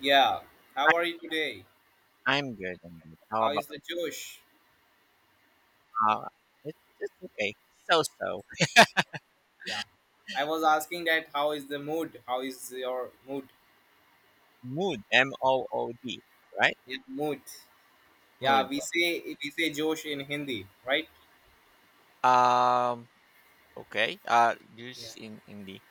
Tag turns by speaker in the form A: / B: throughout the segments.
A: Yeah.
B: I
A: How are you today?
B: I'm good, I'm good. How
A: How
B: about
A: is the Josh?
B: uh, it's just okay. So-so.
A: Yeah. I was asking that how is the mood? How is your mood?
B: Mood, MOOD, M O O D, right?
A: Yeah, mood. Yeah,
B: Mood.
A: we say Josh in Hindi, right?
B: Um, okay.
A: Yeah.
B: Use in the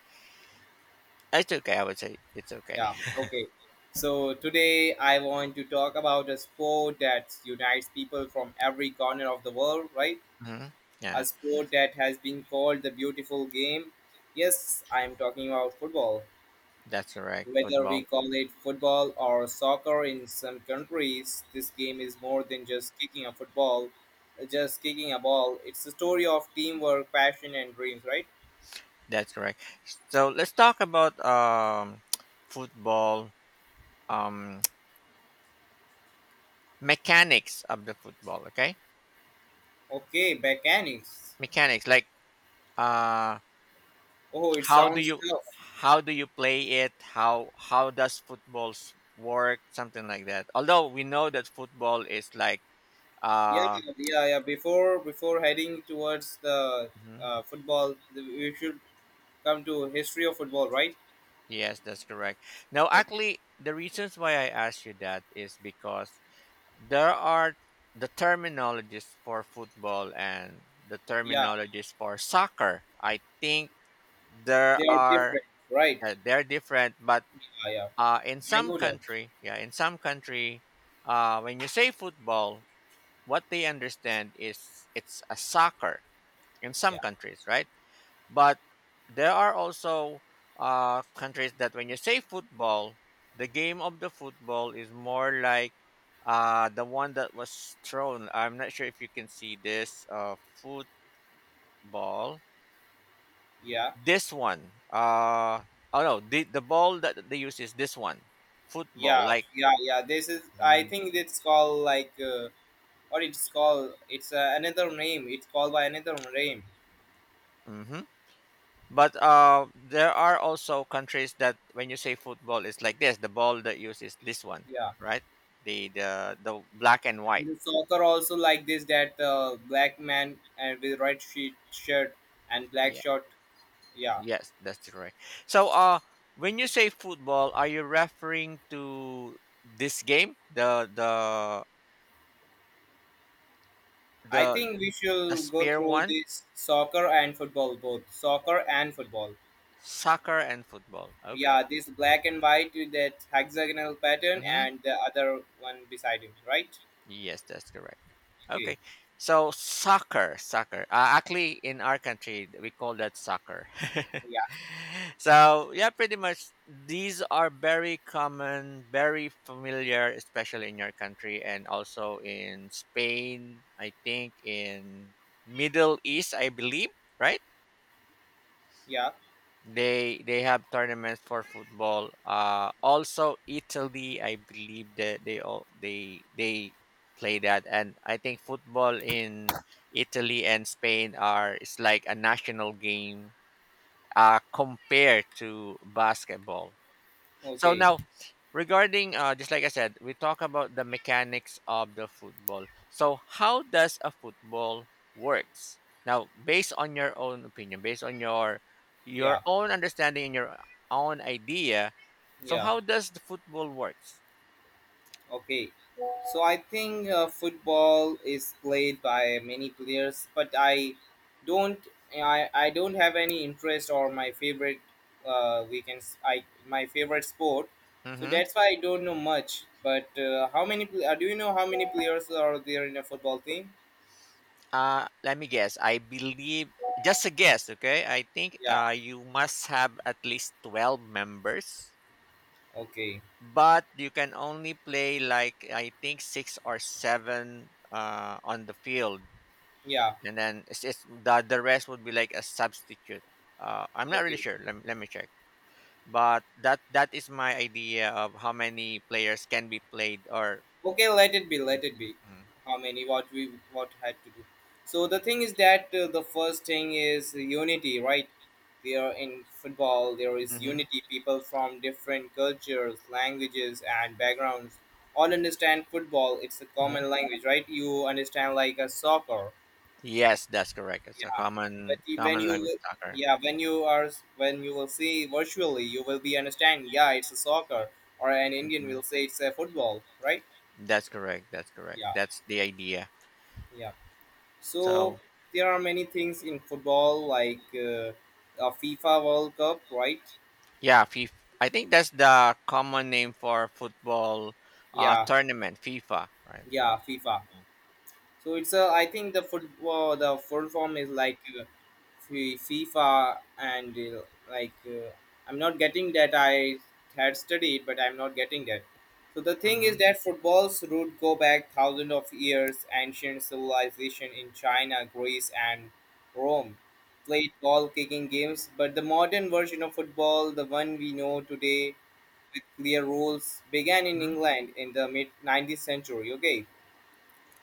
B: it's okay. I would say it's okay.
A: Yeah. Okay. So today I want to talk about a sport that unites people from every corner of the world, right?
B: Hmm.
A: A
B: Yeah,
A: sport that has been called the beautiful game. Yes, I am talking about football.
B: that's correct.
A: Whether we
B: Football.
A: call it football or soccer in some countries, this game is more than just kicking a football, just kicking a ball. It's a story of teamwork, passion, and dreams, right?
B: That's correct. So let's talk about football um mechanics of the football. Okay,
A: Okay, mechanics.
B: mechanics like uh
A: Oh, it
B: how do
A: sounds
B: you
A: tough.
B: how do you play it. How does footballs work, something like that. Although we know that football is like,
A: Yeah,
B: uh
A: yeah, yeah. Before heading towards the
B: mhm,
A: football, we should come to history of football, right?
B: yes, that's correct. Now,
A: Okay.
B: actually, the reasons why I asked you that is because there are the terminologies for football and the
A: Yeah,
B: terminologies for soccer. I think there
A: they are
B: are,
A: different, right?
B: they're different. But
A: Yeah, yeah.
B: in
A: I
B: some
A: know that.
B: country, yeah, in some country, when you say football, what they understand is it's a soccer in some
A: Yeah,
B: countries, right? But there are also countries that when you say football, the game of the football is more like, the one that was thrown. I'm not sure if you can see this, football.
A: yeah.
B: This one. Oh no, the ball that they use is this one. Football,
A: Yeah,
B: like.
A: yeah, yeah, this is I think it's called like or it's another name, it's called by another name.
B: Mm-hmm. But there are also countries that when you say football, it's like this. The ball that used is this one,
A: Yeah,
B: right? The the black and
A: and
B: white.
A: the soccer also like this, that black man and with red sheet shirt and black
B: Yeah.
A: short. Yeah,
B: Yes, that's correct. So when you say football, are you referring to this game, the the
A: I
B: the
A: think we
B: the
A: should go
B: spear
A: through
B: one,
A: this soccer and football, both soccer and football.
B: soccer and football? Okay.
A: Yeah, this black and white with that hexagonal pattern
B: Mm-hmm.
A: and the other one beside him, right?
B: Yes, that's correct.
A: Okay.
B: Okay. So soccer, soccer. Actually, in our country, we call that soccer.
A: Yeah,
B: So yeah, pretty much these are very common, very familiar, especially in your country and also in Spain. I think in Middle East, I believe, right?
A: yeah.
B: They have tournaments for football. Also Italy, I believe that they all they play that, and I think football in Italy and Spain are it's like a national game compared to basketball. So
A: Okay.
B: now, regarding, just like I said, we talk about the mechanics of the football. So how does a football works? Now, based on your own opinion, based on your
A: Yeah,
B: own understanding and your own idea, so
A: yeah.
B: how does the football works?
A: Okay, so I think football is played by many players, but don't I don't have any interest or my favorite we can s- I my favorite sport, so
B: Mm-hmm.
A: that's why I don't know much. But do you know how many players are there in a football team?
B: Let me guess. I believe, just a guess. Okay, I think
A: Yeah.
B: you must have at least 12 members,
A: Okay.
B: but you can only play like I think six or seven, on the field,
A: Yeah.
B: and then it's, the rest would be like a substitute. I'm not really
A: Okay.
B: sure. Let me check. But that is my idea of how many players can be played. Or
A: Okay, let it be.
B: mhm.
A: How many, what we what had to do? So the thing is that the first thing is unity, right? There in football there is
B: Mhm.
A: unity, people from different cultures, languages and backgrounds all understand football. It's a
B: Mhm.
A: common language, right? You understand like a soccer.
B: Yes, that's correct. It's a
A: Yeah, but
B: common language, soccer.
A: yeah, when you are, when you will see virtually, you will be understanding, yeah, it's a soccer, or an Indian
B: Mhm.
A: will say it's a football, right?
B: That's correct. That's correct.
A: Yeah.
B: That's the idea.
A: Yeah. So
B: So
A: there are many things in football, like a FIFA World Cup, right?
B: yeah, FIFA. I think that's the common name for football,
A: Yeah,
B: tournament, FIFA, right?
A: yeah, FIFA. So it's a, I think the foot the full form is like FIFA and like I'm not getting that. I had studied, but I'm not getting that. So the thing is
B: Hmm.
A: that football's root go back thousands of years. Ancient civilization in China, Greece, and Rome played ball kicking games, but the modern version of football, the one we know today with clear rules, began in
B: Hmm.
A: England in the mid 19th century. Okay.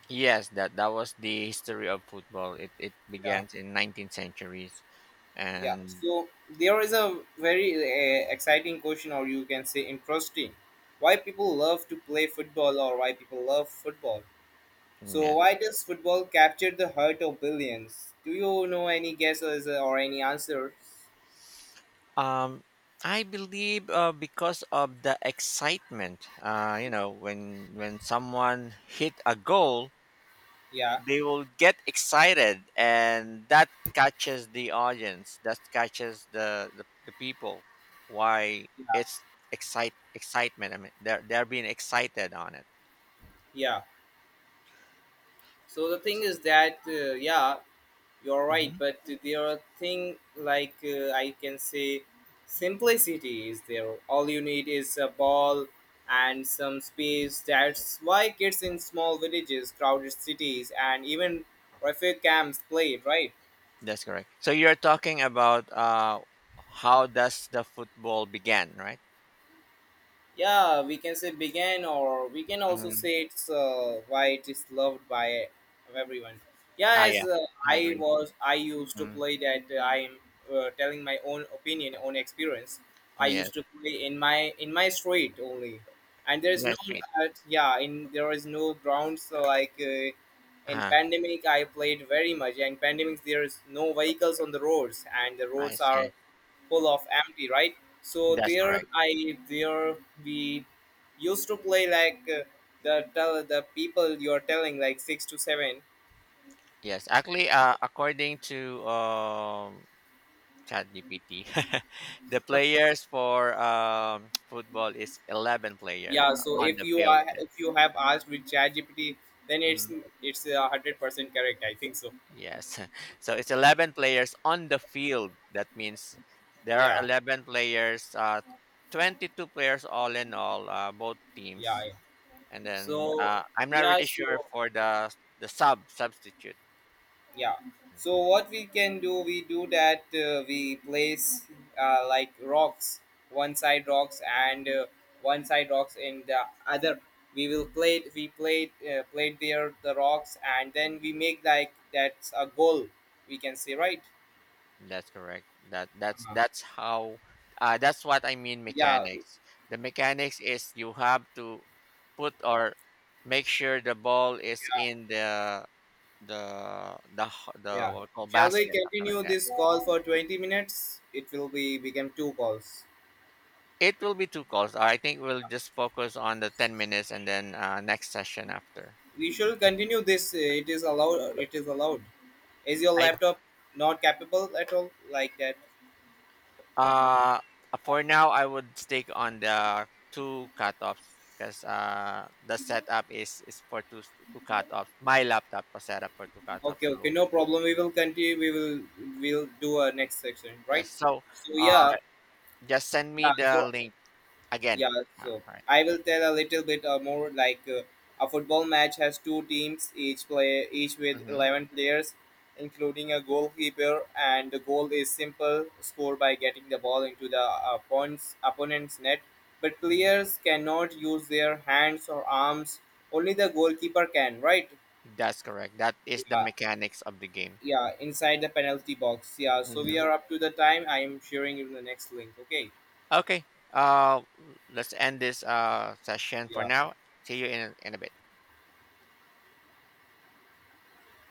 B: Yes, that that was the history of football. It began in 19th centuries,
A: Yeah.
B: and
A: So there is a very exciting question, or you can say interesting, why people love to play football, or why people love football.
B: mm,
A: So
B: yes,
A: why does football capture the heart of billions? Do you know any guesses or any answers?
B: um, I believe because of the excitement, when someone hit a goal,
A: Yeah.
B: they will get excited and that catches the audience, that catches the people. Why
A: Yeah.
B: it's excitement, I mean, they're being excited on it.
A: Yeah. So the thing is that you're right,
B: Hmm.
A: but there are thing like I can say simplicity is there. All you need is a ball and some space. That's why kids in small villages, crowded cities, and even refugee camps play it, right?
B: That's correct. So you're talking about, how does the football begin, right?
A: Yeah, we can say began, or we can also
B: Mm.
A: say it's why it is loved by everyone. Yeah,
B: Ah,
A: as
B: yeah, I agree.
A: I used to
B: Mm.
A: play that. I'm telling my own opinion, own experience. I
B: Yes.
A: used to play in my street only, and there's
B: Yes,
A: no
B: sweet.
A: yeah in there is no ground, so like in
B: Ah,
A: pandemic I played very much, and pandemics there's no vehicles on the roads and the
B: I
A: roads are
B: see.
A: full of empty, right? So
B: That's
A: there
B: correct.
A: i there we used to play like the tell the people you're telling like six to seven.
B: Yes, actually, according to, ChatGPT, the players for, football is 11 players
A: Yeah, so
B: on
A: if
B: the
A: you
B: field.
A: are, if
B: Yes.
A: you have asked with ChatGPT, then it's
B: Mhm.
A: it's 100% correct, I think so.
B: Yes. So it's 11 players on the field. That means there are
A: Yeah,
B: 11 players, 22 players all in all, both
A: yeah,
B: teams.
A: yeah.
B: And then
A: So
B: I'm not
A: yeah.
B: really
A: So
B: sure for the substitute.
A: yeah, so what we can do, we do that we place like rocks, one side rocks and one side rocks in the other. We will play we played there the rocks, and then we make like that's a goal, we can say, right?
B: That's correct. That's
A: Uh-huh.
B: how, that's what I mean,
A: Yeah,
B: mechanics. The mechanics is you have to put, or make sure the ball is in the the
A: yeah,
B: what we call
A: shall we
B: basket, something
A: continue
B: like that.
A: this call for 20 minutes? It will be become two calls.
B: It will be two calls. I think we'll just focus on the 10 minutes and then, next session after.
A: We should continue this. It is allowed, it is allowed. Is your
B: I.
A: laptop not capable at all, like that?
B: Uh, for now, I would stick on the two cutoffs because the setup is for two, two cutoffs. My laptop was set up for two cutoffs.
A: Okay, okay,
B: So,
A: no problem. We will continue. We'll do our next section, right?
B: yes. So,
A: So
B: uh,
A: yeah,
B: just send me
A: yeah.
B: the
A: So
B: link again.
A: yeah. So
B: All right.
A: I will tell a little bit more. Like a football match has two teams, each with
B: Mm-hmm,
A: 11 players, including a goalkeeper, and the goal is simple: score by getting the ball into the opponent's net. But
B: mm-hmm.
A: players cannot use their hands or arms. Only the goalkeeper can, right?
B: That's correct. That is the
A: Yeah,
B: mechanics of the game.
A: yeah, inside the penalty box. Yeah, so we
B: Mm-hmm.
A: are up to the time. I am sharing you the next link, okay?
B: Okay. Uh, let's end this session for
A: Yeah.
B: now. See you in a bit.